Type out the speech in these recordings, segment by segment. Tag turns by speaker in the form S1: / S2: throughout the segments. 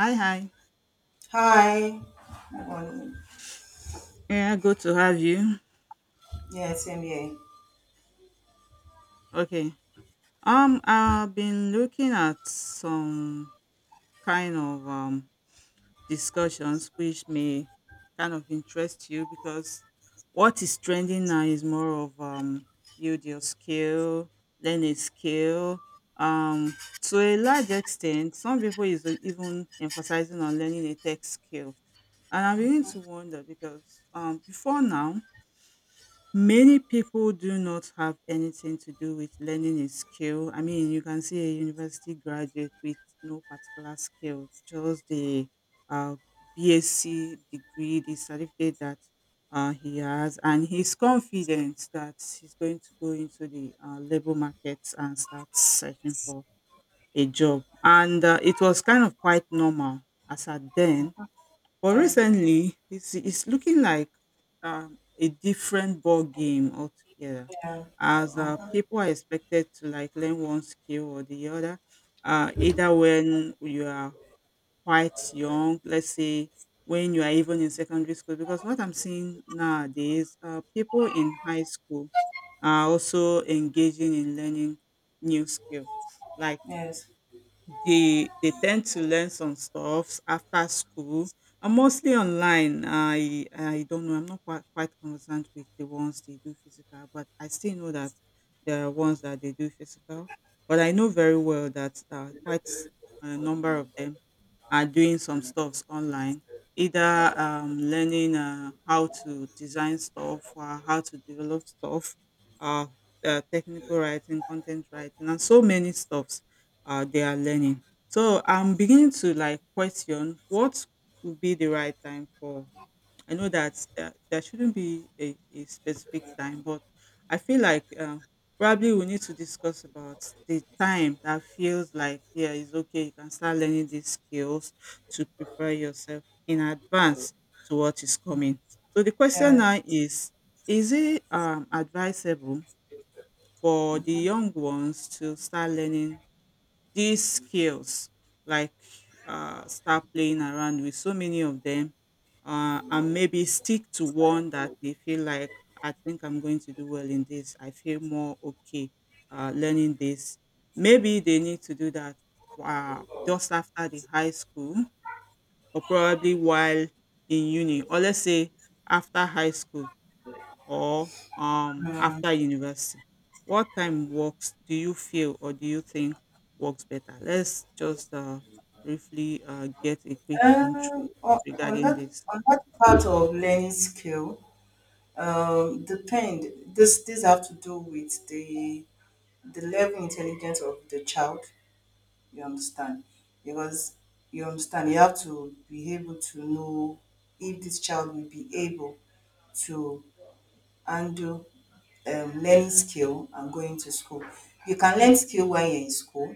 S1: Hi, hi.
S2: Hi. Good morning.
S1: Yeah, good to have you.
S2: Yeah, same here.
S1: Okay. I've been looking at some kind of discussions which may kind of interest you because what is trending now is more of build your skill, learn a skill. To a large extent, some people is even emphasizing on learning a tech skill, and I'm beginning to wonder because before now many people do not have anything to do with learning a skill. I mean, you can see a university graduate with no particular skill, just the uh, BSc degree, the certificate that he has, and he's confident that he's going to go into the labor market and start searching for a job. And it was kind of quite normal as at then, but
S2: Yeah,
S1: recently, it's looking like a different ball game altogether,
S2: yeah,
S1: as people are expected to like learn one skill or the other. Either when you are quite young, let's say when you are even in secondary school, because what I'm seeing nowadays, people in high school are also engaging in learning new skill, like
S2: yes,
S1: they tend to learn some stuff after school and mostly online. I don't know, I'm not quite conversant with the ones they do physical, but I still know that there are ones that they do physical, but I know very well that quite a number of them are doing some stuffs online, either learning how to design stuff or how to develop stuff, uh, technical writing, content writing, and so many stuffs they are learning. So I'm beginning to like question what would be the right time for. I know that there shouldn't be a specific time, but I feel like probably we need to discuss about the time that feels like, yeah, it's okay. You can start learning these skills to prepare yourself in advance to what is coming. So the question
S2: yeah.
S1: now is: is it advisable for the young ones to start learning these skills, like start playing around with so many of them, and maybe stick to one that they feel like I think I'm going to do well in this, I feel more okay learning this. Maybe they need to do that just after the high school, or probably while in uni, or let's say after high school, or
S2: Mm.
S1: after university? What time works do you feel, or do you think works better? Let's just briefly get a quick intro
S2: On on
S1: regarding
S2: that
S1: this.
S2: on that part of learning skill, depend. This have to do with the level intelligence of the child. You understand? Because you understand, you have to be able to know if this child will be able to handle learning skill and going to school. You can learn skill when you're in school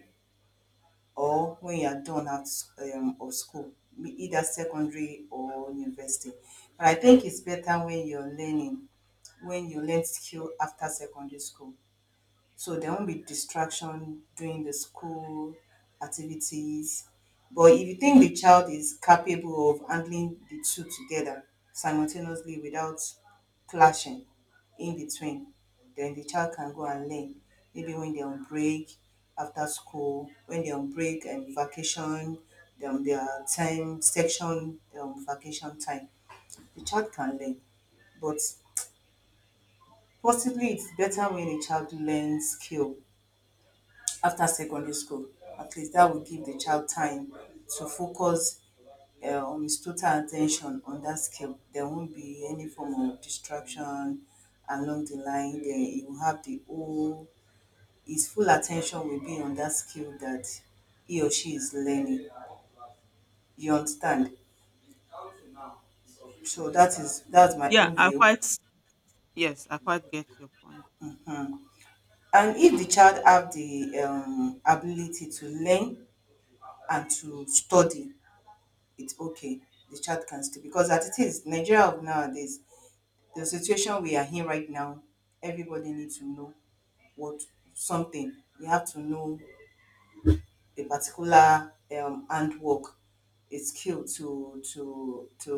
S2: or when you're done out of school, be either secondary or university. But I think it's better when you're learning, when you learn skill after secondary school. So there won't be distraction during the school activities. But if you think the child is capable of handling the two together simultaneously without clashing in between, then the child can go and learn. Maybe when they're on break, after school, when they're on break and vacation, their time section, vacation time, the child can learn. But possibly it's better when a child learns skill after secondary school. At least that will give the child time to focus on his total attention on that skill. There won't be any form of distraction along the line. There, he will have the whole, his full attention will be on that skill that he or she is learning. You understand? So that's my
S1: Yeah,
S2: own view.
S1: yes, I quite get your point.
S2: Hmm. And if the child have the ability to learn and to study, it's okay. The child can still because as it is, Nigeria of nowadays, the situation we are in right now, everybody needs to know what something. You have to know a particular handwork, a skill to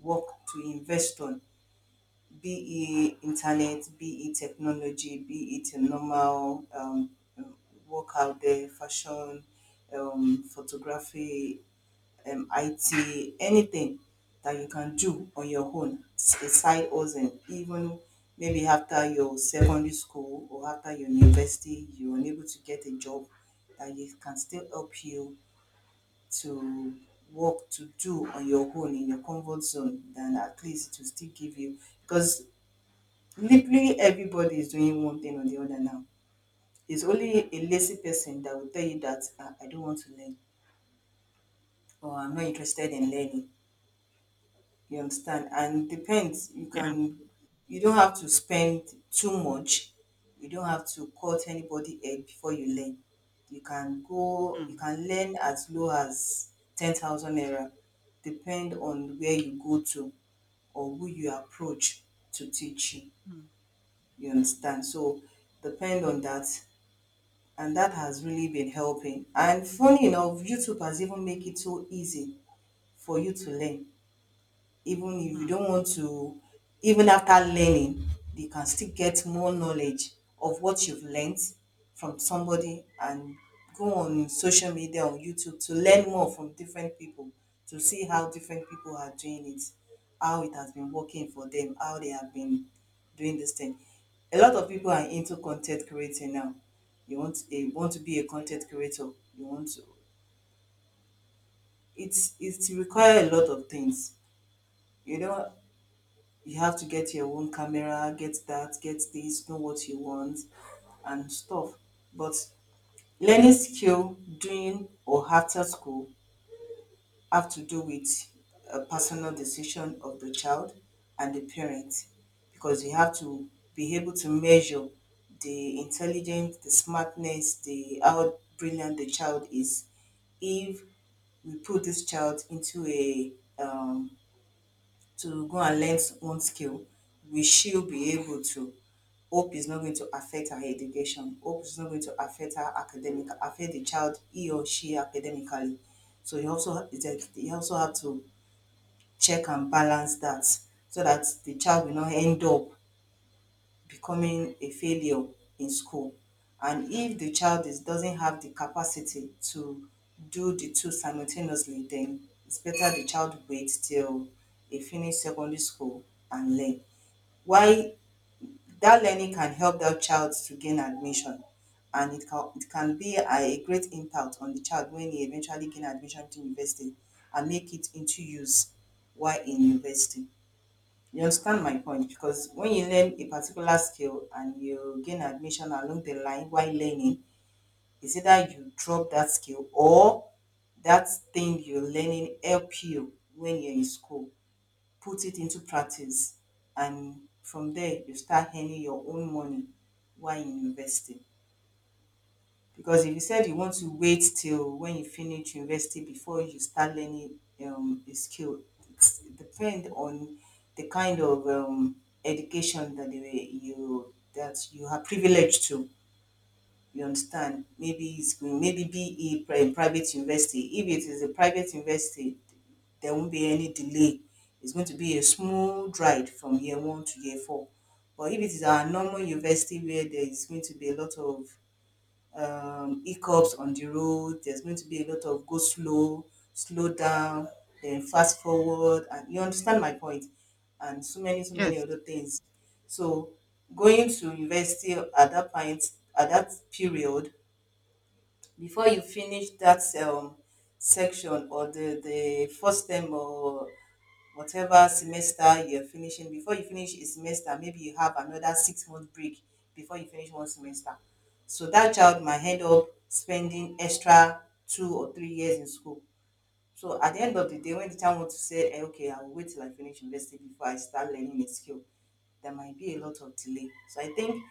S2: work to invest on, be it internet, be it technology, be it a normal um, work out there, fashion, photography, IT, anything that you can do on your own, a side hustle, even maybe after your secondary school or after your university, you're unable to get a job that you can still help you to work to do on your own in your comfort zone, then at least it will still give you because literally everybody is doing one thing or the other now. It's only a lazy person that will tell you that, "Ah, I don't want to learn or I'm not interested in learning." You understand? And depends. You
S1: Yeah.
S2: can you don't have to spend too much. You don't have to cut anybody head before you learn. You
S1: Mm,
S2: can learn as low as 10,000 naira, depend on where you go to or who you approach to teach you.
S1: mm,
S2: You understand? So depend on that, and that has really been helping. And funny enough, YouTube has even made it so easy for you to learn, even if you
S1: mm.
S2: don't want to. Even after learning, you can still get more knowledge of what you've learned from somebody and go on social media, on YouTube, to learn more from different people, to see how different people are doing it, how it has been working for them, how they have been doing this thing. A lot of people are into content creating now. You want to be a content creator. You want to, it's it require a lot of things, you know. You have to get your own camera, get that, get this, know what you want and stuff. But learning skill during or after school have to do with a personal decision of the child and the parent, because you have to be able to measure the intelligence, the smartness, the how brilliant the child is. If we put this child into a um, to go and learn one skill, will she be able to? Hope is not going to affect her education. Hope is not going to affect her academic, affect the child, he or she academically. So you also, like, you also have to check and balance that so that the child will not end up becoming a failure in school. And if the child is, doesn't have the capacity to do the two simultaneously, then it's better the child waits till they finish secondary school and learn. Why that learning can help that child to gain admission, and it can be a great impact on the child when he eventually gain admission to university and make it into use while in university. You understand my point? Because when you learn a particular skill and you gain admission along the line while learning, it's either you drop that skill or that thing you're learning help you when you're in school. Put it into practice, and from there you start earning your own money while in university. Because if you said you want to wait till when you finish university before you start learning a skill, it's depend on the kind of education that you that you are privileged to. You understand? Maybe it's going, maybe be a private university. If it is a private university, there won't be any delay. It's going to be a smooth ride from year one to year four. But if it is our normal university, where there is going to be a lot of hiccups on the road. There's going to be a lot of go slow, slow down, then fast forward, and you understand my point, and so many
S1: Yes.
S2: other things. So going to university at that point, at that period, before you finish that section or the first term or whatever semester you're finishing, before you finish a semester, maybe you have another 6 month break before you finish one semester. So that child might end up spending extra 2 or 3 years in school. So at the end of the day, when the child wants to say, "Eh, okay, I will wait till I finish university before I start learning a skill," there might be a lot of delay. So I think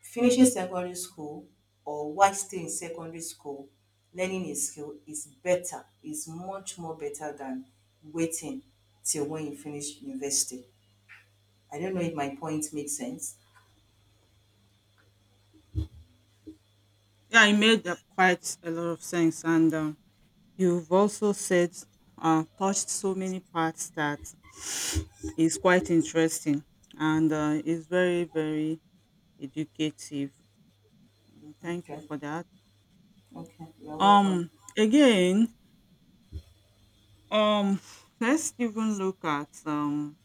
S2: finishing secondary school or while still in secondary school, learning a skill is better, is much more better than waiting till when you finish university. I don't know if my point makes sense.
S1: Yeah, it made quite a lot of sense. And you've also said, touched so many parts that is quite interesting, and is very, very educative. Mm, thank you
S2: Okay,
S1: for that.
S2: okay, you're welcome.
S1: Um, Again, um, let's even look at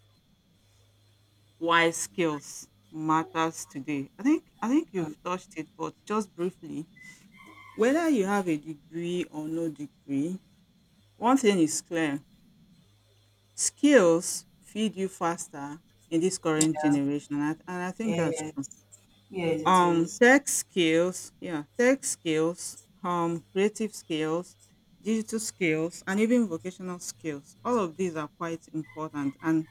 S1: why skills matters today. I think
S2: Mm.
S1: you've touched it, but just briefly, whether you have a degree or no degree, one thing is clear: skills feed you faster in this current
S2: Yeah,
S1: generation, and and I think that's
S2: yeah,
S1: true.
S2: yes, it is.
S1: Tech skills, yeah, tech skills, creative skills, digital skills, and even vocational skills, all of these are quite important. And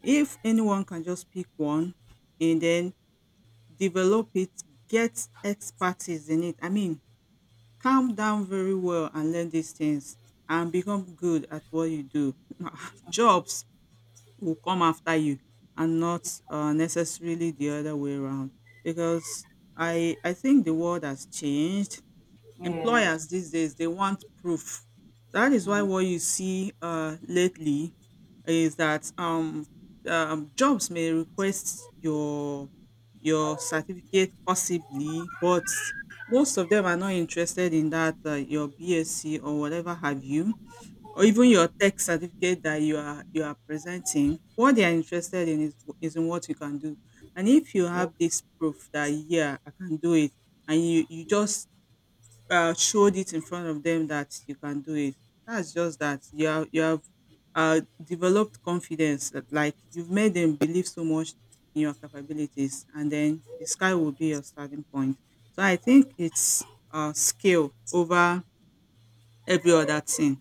S1: if anyone can just pick one and then develop it, get expertise in it, I mean, calm down very well and learn these things and become good at what you do, jobs will come after you and not necessarily the other way around, because I think the world has changed.
S2: Yes,
S1: Employers these days, they want proof. That is why
S2: mm-hmm.
S1: what you see lately is that jobs may request your certificate possibly, but most of them are not interested in that your BSc or whatever have you, or even your tech certificate that you are presenting. What they are interested in is in what you can do. And if you
S2: Yeah,
S1: have this proof that, yeah, I can do it, and you just showed it in front of them that you can do it, that's just that you have developed confidence, that like you've made them believe so much in your capabilities, and then the sky will be your starting point. So I think it's skill over every other thing.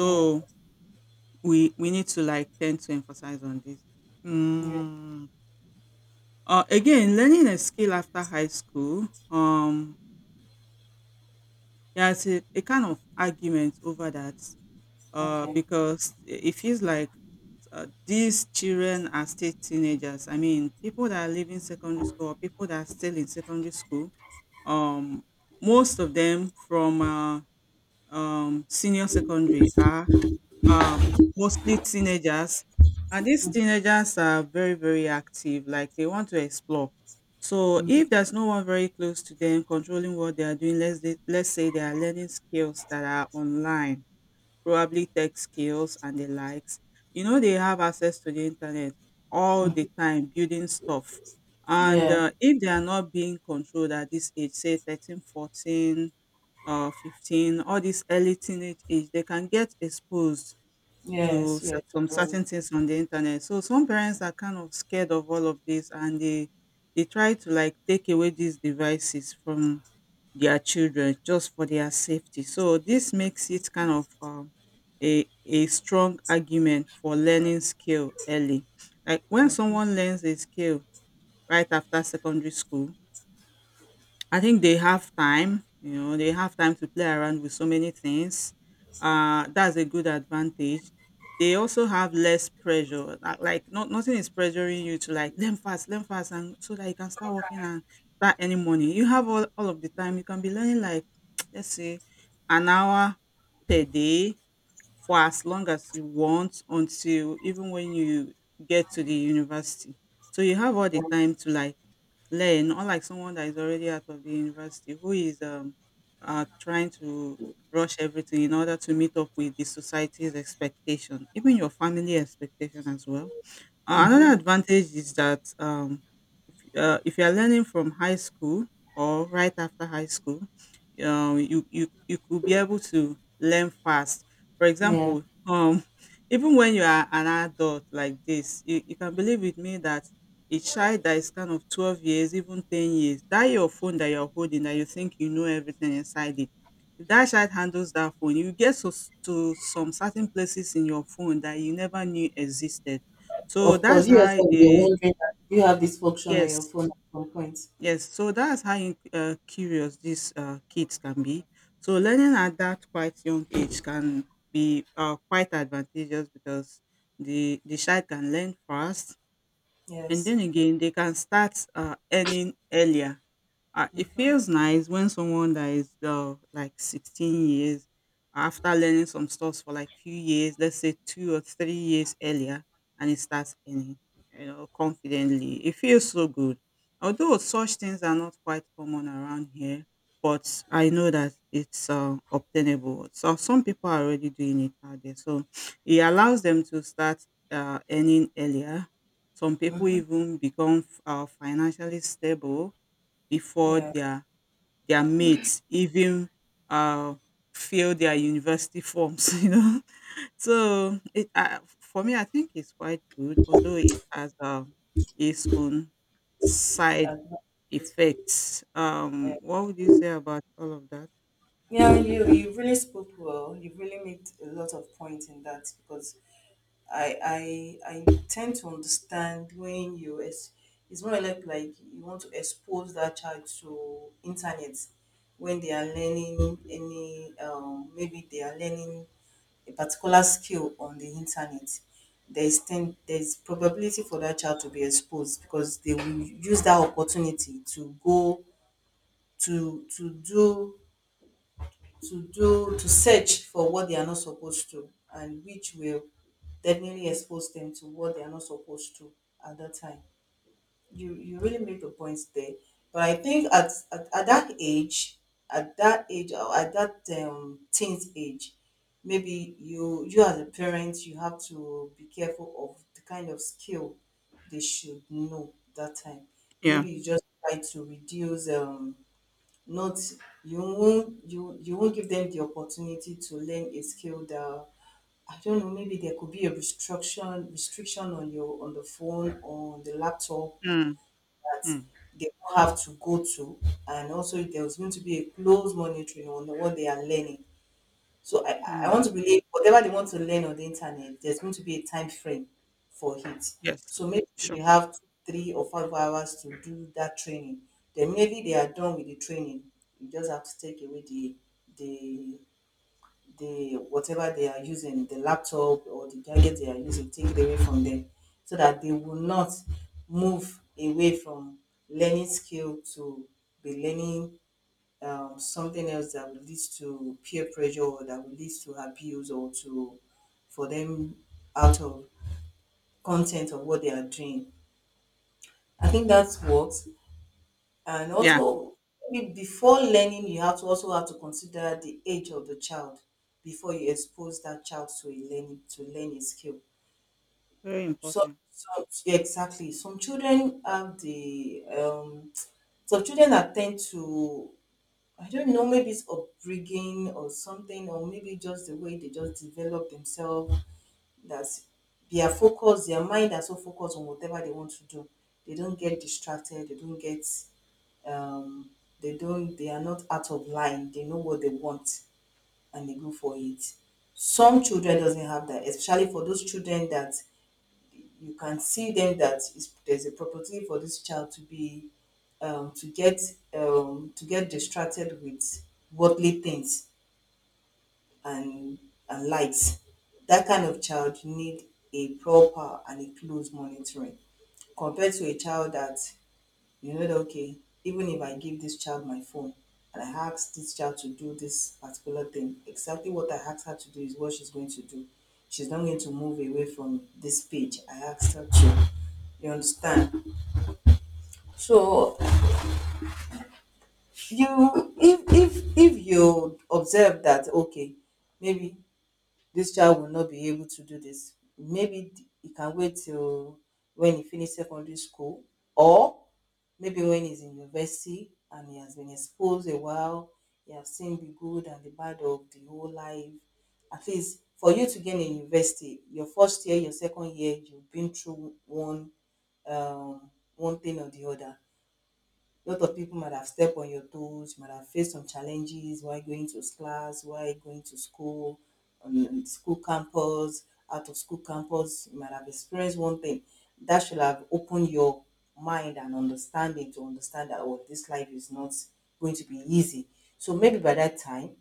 S2: yeah,
S1: we need to like tend to emphasize on this.
S2: yeah,
S1: Mm. Again, learning a skill after high school, there's a kind of argument over that
S2: okay.
S1: because it feels like these children are still teenagers. I mean, people that are leaving secondary school or people that are still in secondary school, um, most of them from senior secondary are um mostly teenagers, and these teenagers are very, very active, like they want to explore. So
S2: Mm-hmm.
S1: if there's no one very close to them controlling what they are doing, let's say they are learning skills that are online, probably tech skills and the likes, you know, they have access to the internet all the time, building stuff. And
S2: Yeah,
S1: if they are not being controlled at this age, say 13, 14, 14 or 15, all this early teenage age, they can get exposed to
S2: yes, yes,
S1: some
S2: right.
S1: certain things on the internet. So some parents are kind of scared of all of this, and they try to like take away these devices from their children just for their safety. So this makes it kind of a strong argument for learning skill early. Like when someone learns a skill right after secondary school, I think they have time, you know, they have time to play around with so many things. That's a good advantage. They also have less pressure. Like, nothing is pressuring you to like learn fast, and so that you can start working and start earning money. You have all of the time. You can be learning, like, let's say, an hour per day, for as long as you want, until even when you get to the university. So you have all the time to like learn, unlike someone that is already out of the university, who is trying to rush everything in order to meet up with the society's expectation, even your family expectation as well. Another
S2: Mm-hmm.
S1: advantage is that if you are learning from high school or right after high school, you could be able to learn fast. For
S2: Yeah.
S1: example, even when you are an adult like this, you can believe with me that a child that is kind of 12 years, even 10 years, that your phone that you're holding, that you think you know everything inside it, if that child handles that phone, you get to, to some certain places in your phone that you never knew existed. So
S2: Of course,
S1: that's
S2: you
S1: how
S2: yourself will be
S1: a
S2: wondering that you have this function on your
S1: yes.
S2: phone at some point.
S1: Yes, so that's how in curious these kids can be. So learning at that quite young age can be quite advantageous, because the child can learn fast, and
S2: Yes.
S1: then again they can start earning earlier. Uh, it
S2: Mm-hmm.
S1: feels nice when someone that is like 16 years, after learning some stuff for like few years, let's say 2 or 3 years earlier, and it starts earning, you know, confidently. It feels so good. Although such things are not quite common around here, but I know that it's obtainable. So some people are already doing it out there. So it allows them to start earning earlier. Some people
S2: Mm-hmm.
S1: even become financially stable before
S2: Yeah.
S1: their mates even uh, fill their university forms, you know. So it for me, I think it's quite good, although it has its own side
S2: That's not it.
S1: effects.
S2: Yeah.
S1: What would you say about all of that?
S2: Yeah, you really spoke well. You really made a lot of points in that because I tend to understand when you it's more like you want to expose that child to internet when they are learning any maybe they are learning a particular skill on the internet. There is ten, there's probability for that child to be exposed because they will use that opportunity to go to to do to do to search for what they are not supposed to, and which will definitely expose them to what they are not supposed to at that time. You really make the point there, but I think at that age, at that age or at that teens age, maybe you, you as a parent, you have to be careful of the kind of skill they should know that time.
S1: Yeah.
S2: Maybe you just try to reduce not, you won't, you won't give them the opportunity to learn a skill that, I don't know, maybe there could be a restriction on your, on the phone or on the laptop
S1: Mm,
S2: that
S1: mm,
S2: they will have to go to. And also, there's going to be a close monitoring on what they are learning. So I want
S1: mm.
S2: to believe, whatever they want to learn on the internet, there's going to be a time frame for it.
S1: Yes.
S2: So maybe if
S1: Sure.
S2: you have two, 3 or 5 hours to do that training, then maybe they are done with the training. You just have to take away the the the whatever they are using, the laptop or the gadget they are using, take it away from them so that they will not move away from learning skill to be learning something else that will lead to peer pressure or that will lead to abuse or to for them out of content of what they are doing. I think that's what. And
S1: Yeah.
S2: also, maybe before learning, you have to also have to consider the age of the child before you expose that child to a learning to learn a skill.
S1: Very
S2: So,
S1: important.
S2: so exactly, some children have the some children are tend to, I don't know, maybe it's upbringing or something, or maybe just the way they just develop themselves. That's their focus, their mind are so focused on whatever they want to do. They don't get distracted, they don't get um they don't, they are not out of line. They know what they want and they go for it. Some children doesn't have that, especially for those children that you can see then that is, there's a propensity for this child to be um, to get to get distracted with worldly things and lights. That kind of child need a proper and a close monitoring compared to a child that you know that okay, even if I give this child my phone and I ask this child to do this particular thing, exactly what I asked her to do is what she's going to do. She's not going to move away from this page I asked her to. You understand? So you if you observe that okay, maybe this child will not be able to do this. Maybe he can wait till when he finishes secondary school, or maybe when he's in university and he has been exposed a while, he has seen the good and the bad of the whole life. At least for you to get in university, your first year, your second year, you've been through one um, one thing or the other. A lot of people might have stepped on your toes, you might have faced some challenges while going to class, while going to school, on school campus, out of school campus, you might have experienced one thing that should have opened your mind and understanding to understand that oh, this life is not going to be easy. So maybe by that time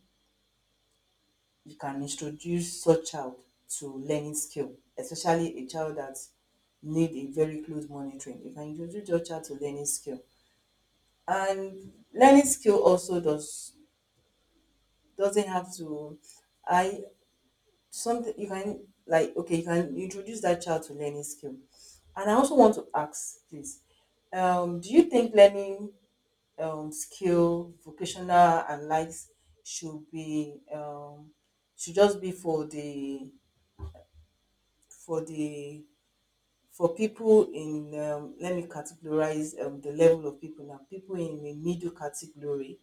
S2: you can introduce such child to learning skill, especially a child that need a very close monitoring. You can introduce your child to learning skill, and learning skill also doesn't have to I something you can like okay, you can introduce that child to learning skill. And I also want to ask please, do you think learning skill vocational and likes should be should just be for the for the for people in let me categorize the level of people, now people in the middle category,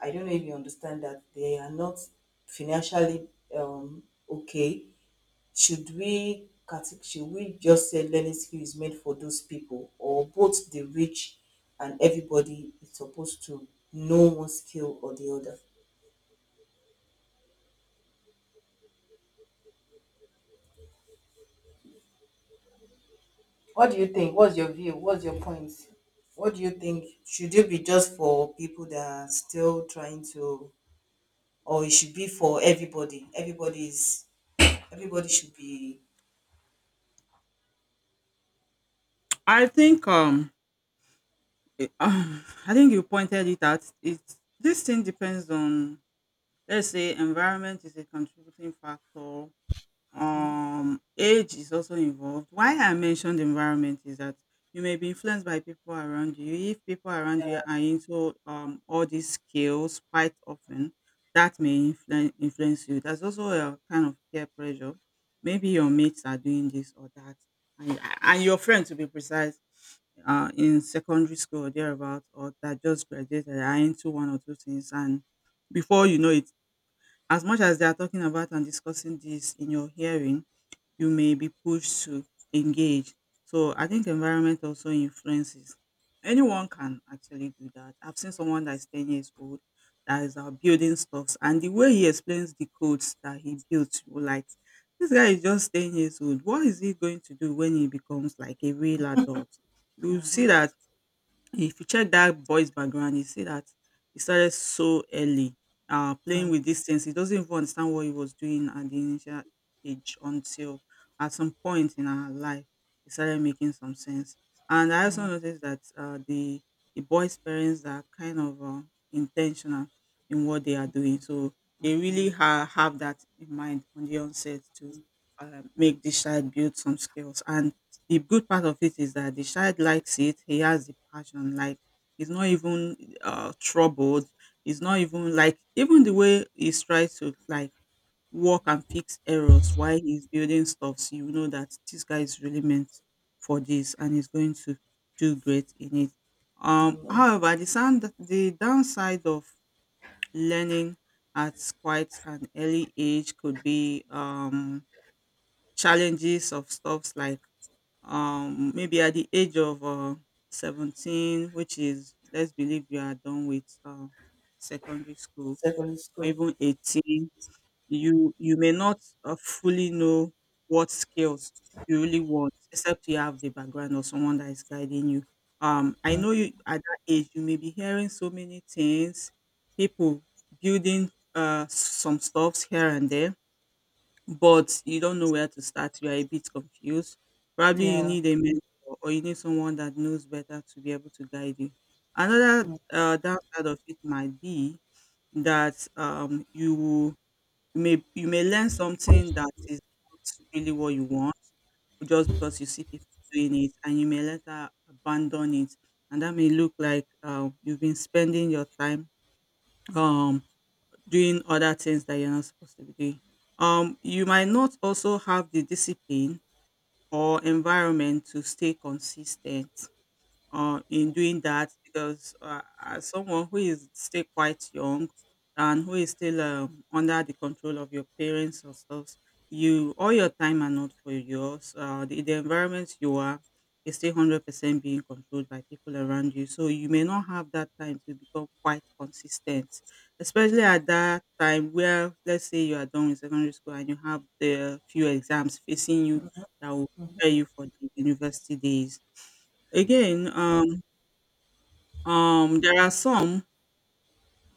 S2: I don't know if you understand that they are not financially um, okay. Should we should we just say learning skill is made for those people, or both the rich and everybody is supposed to know one skill or the other? What do you think? What's your view? What's your point? What do you think? Should it be just for people that are still trying to, or it should be for everybody? Everybody should be.
S1: I think I think you pointed it out. It This thing depends on, let's say, environment is a contributing factor, age is also involved. Why I mentioned environment is that you may be influenced by people around you. If people around you are into all these skills quite often, that may influence you. There's also a kind of peer pressure. Maybe your mates are doing this or that, and your friends, to be precise, uh, in secondary school or thereabout, or that just graduated, are into one or two things. And before you know it, as much as they are talking about and discussing this in your hearing, you may be pushed to engage. So I think environment also influences. Anyone can actually do that. I've seen someone that's 10 years old that is building stuffs, and the way he explains the codes that he built, you were like, this guy is just 10 years old. What is he going to do when he becomes like a real adult? You see
S2: Mm-hmm.
S1: that if you check that boy's background, you see that he started so early,
S2: mm-hmm,
S1: playing with these things. He doesn't even understand what he was doing at the initial age until at some point in our life, he started making some sense. And I also noticed that the boys' parents are kind of intentional in what they are doing, so they really have that in mind on the onset to make this child build some skills, and the good part of it is that the child likes it. He has the passion. Like he's not even troubled. He's not even like, even the way he's trying to like work and fix errors while he's building stuff. So you know that this guy is really meant for this, and he's going to do great in it.
S2: mm-hmm.
S1: However, the downside of learning at quite an early age could be challenges of stuffs like maybe at the age of 17, which is, let's believe, you are done with secondary school,
S2: Secondary
S1: or
S2: school.
S1: even 18, you may not fully know what skills you really want, except you have the background or someone that is guiding you. I know, you at that age you may be hearing so many things, people building some stuffs here and there, but you don't know where to start. You are a bit confused. Probably you
S2: Yeah.
S1: need a mentor, or you need someone that knows better to be able to guide you. Another
S2: Mm.
S1: downside of it might be that you may learn something that is not really what you want, just because you see people doing it, and you may later abandon it, and that may look like you've been spending your time um doing other things that you're not supposed to be doing. You might not also have the discipline or environment to stay consistent in doing that, because as someone who is still quite young and who is still under the control of your parents or stuff, you, all your time are not for yours. The environment you are is still 100% being controlled by people around you, so you may not have that time to become quite consistent, especially at that time where, let's say, you are done with secondary school and you have the few exams facing you that will prepare you for the university days. Again, there are some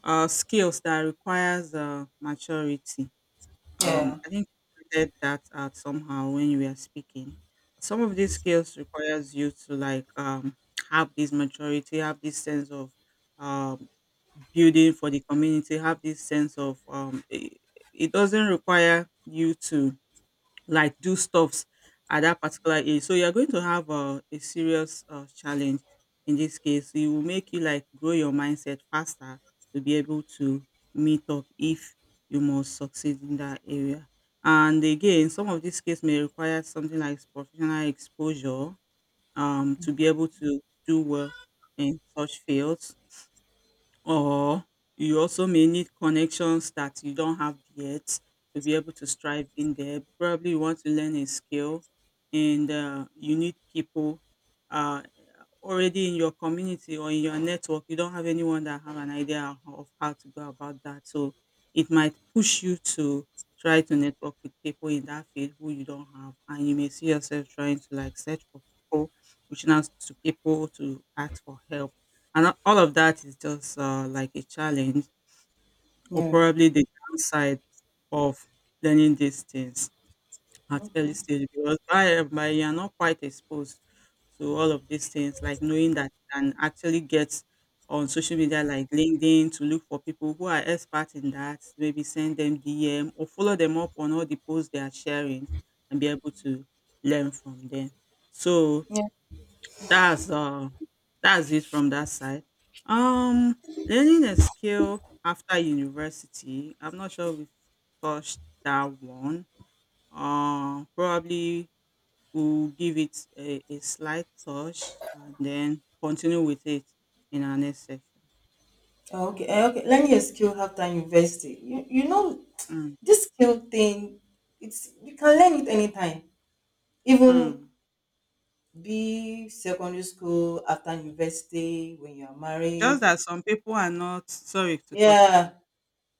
S1: skills that requires maturity.
S2: Yeah.
S1: I think you pointed that out somehow when you were speaking. Some of these skills requires you to like have this maturity, have this sense of um, building for the community, have this sense of it, it doesn't require you to like do stuffs at that particular age. So you're going to have a serious challenge in this case. It will make you like grow your mindset faster to be able to meet up if you must succeed in that area. And again, some of these cases may require something like professional exposure to be able to do well in such fields, or you also may need connections that you don't have yet to be able to strive in there. Probably you want to learn a skill, and you need people uh, already in your community or in your network. You don't have anyone that have an idea of how to go about that. So it might push you to try to network with people in that field who you don't have. And you may see yourself trying to like search for people, reaching out to people to ask for help. And all of that is just like a challenge, or
S2: Yeah.
S1: probably the downside of learning these things at early stage, because by you are not quite exposed to all of these things, like knowing that you can actually get on social media like LinkedIn to look for people who are experts in that, maybe send them DM or follow them up on all the posts they are sharing and be able to learn from them. So
S2: Yeah.
S1: that's uh that's it from that side. Um Learning a skill after university, I'm not sure we've touched that one. Probably we'll give it a slight touch and then continue with it in our next section.
S2: Oh, okay. Okay. Learning a skill after university. You know,
S1: Mm,
S2: this skill thing, it's you can learn it anytime. Even
S1: mm.
S2: be secondary school after university when you are
S1: Just
S2: married.
S1: that some people are not, sorry to cut you short.
S2: Yeah.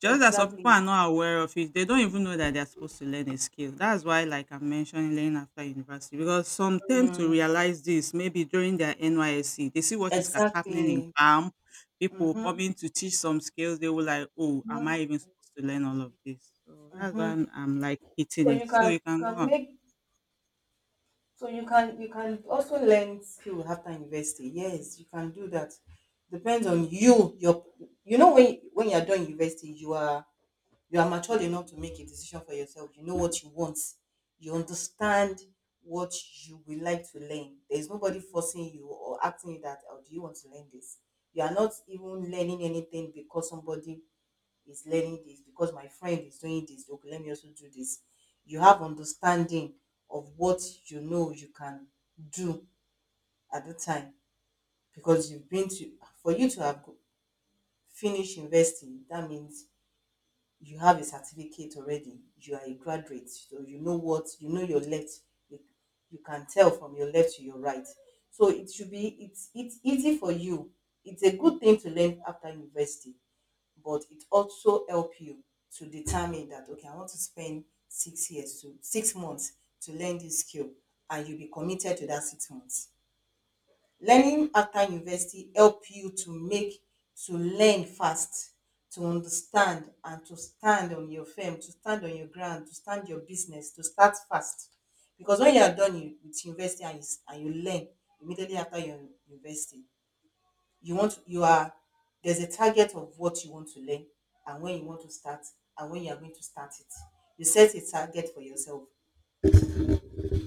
S1: Just that some people
S2: Exactly.
S1: are not aware of it. They don't even know that they're supposed to learn a skill. That's why, like I'm mentioning, learning after university, because some tend to
S2: Mm,
S1: realize this maybe during their NYSC. They see what is happening in
S2: exactly.
S1: camp, people
S2: Mm-hmm.
S1: coming to teach some skills. They were like, oh, am
S2: Mm-hmm.
S1: I even supposed to learn all of this? So that's why
S2: Mm-hmm.
S1: I'm like hitting
S2: So
S1: it.
S2: you
S1: So
S2: can
S1: you
S2: you
S1: can
S2: can
S1: go on.
S2: make So you can also learn skill after university. Yes, you can do that. Depends on you. Your you know, when you are doing university, you are mature enough to make a decision for yourself. You know what you want. You understand what you would like to learn. There is nobody forcing you or asking you that, oh, do you want to learn this? You are not even learning anything because somebody is learning this because my friend is doing this, okay let me also do this. You have understanding of what you know you can do at the time, because you've been to for you to have go- finished investing, that means you have a certificate already, you are a graduate, so you know what you know your left. you, you can tell from your left to your right, so it should be it's easy for you. It's a good thing to learn after university, but it also help you to determine that okay, I want to spend 6 years to 6 months to learn this skill, and you be committed to that 6 months. Learning after university help you to learn fast, to understand and to stand on your firm, to stand on your ground, to stand your business, to start fast. Because when you are done with university and and you learn immediately after your university, you want you are there's a target of what you want to learn and when you want to start and when you are going to start it. You set a target for yourself.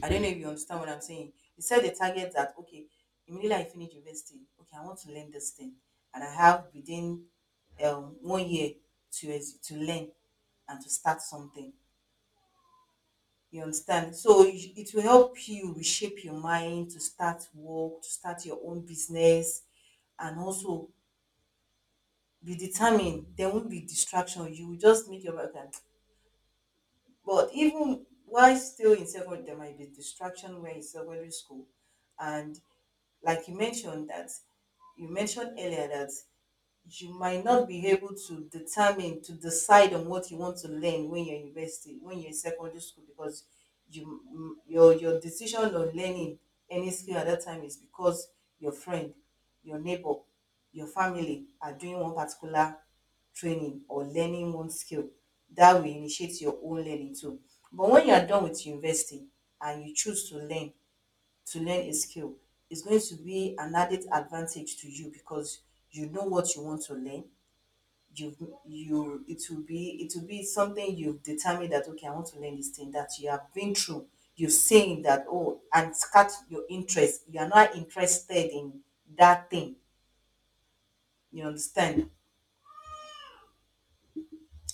S2: I don't know if you understand what I'm saying. You set a target that, okay, immediately I finish university, okay, I want to learn this thing. And I have within 1 year to, to learn and to start something. You understand? So it will help you reshape your mind to start work, to start your own business, and also be determined. There won't be distraction. You will just make your okay. But even while still in secondary, there might be distraction when in secondary school, and like you mentioned that you mentioned earlier that you might not be able to determine to decide on what you want to learn when you're in university, when you're in secondary school, because you your decision on learning any skill at that time is because your friend, your neighbor, your family are doing one particular training or learning one skill, that will initiate your own learning too. But when you are done with university and you choose to learn a skill, is going to be an added advantage to you, because you know what you want to learn. You've you it will be something you've determined that okay, I want to learn this thing that you have been through. You've seen that oh and catch your interest. You are not interested in that thing. You understand?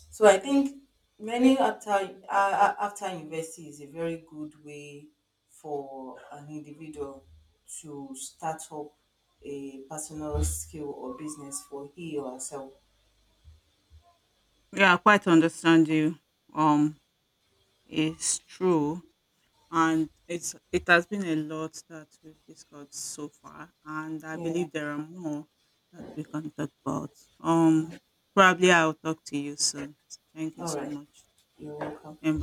S2: So I think learning after after university is a very good way for an individual to start up a personal skill or business for he or herself.
S1: Yeah, I quite understand you. Um, it's true, and it has been a lot that we've discussed so far, and I
S2: Yeah.
S1: believe there are more that we can talk about. um Probably I'll talk to you soon. Thank you
S2: All
S1: so
S2: right.
S1: much.
S2: You're welcome.
S1: And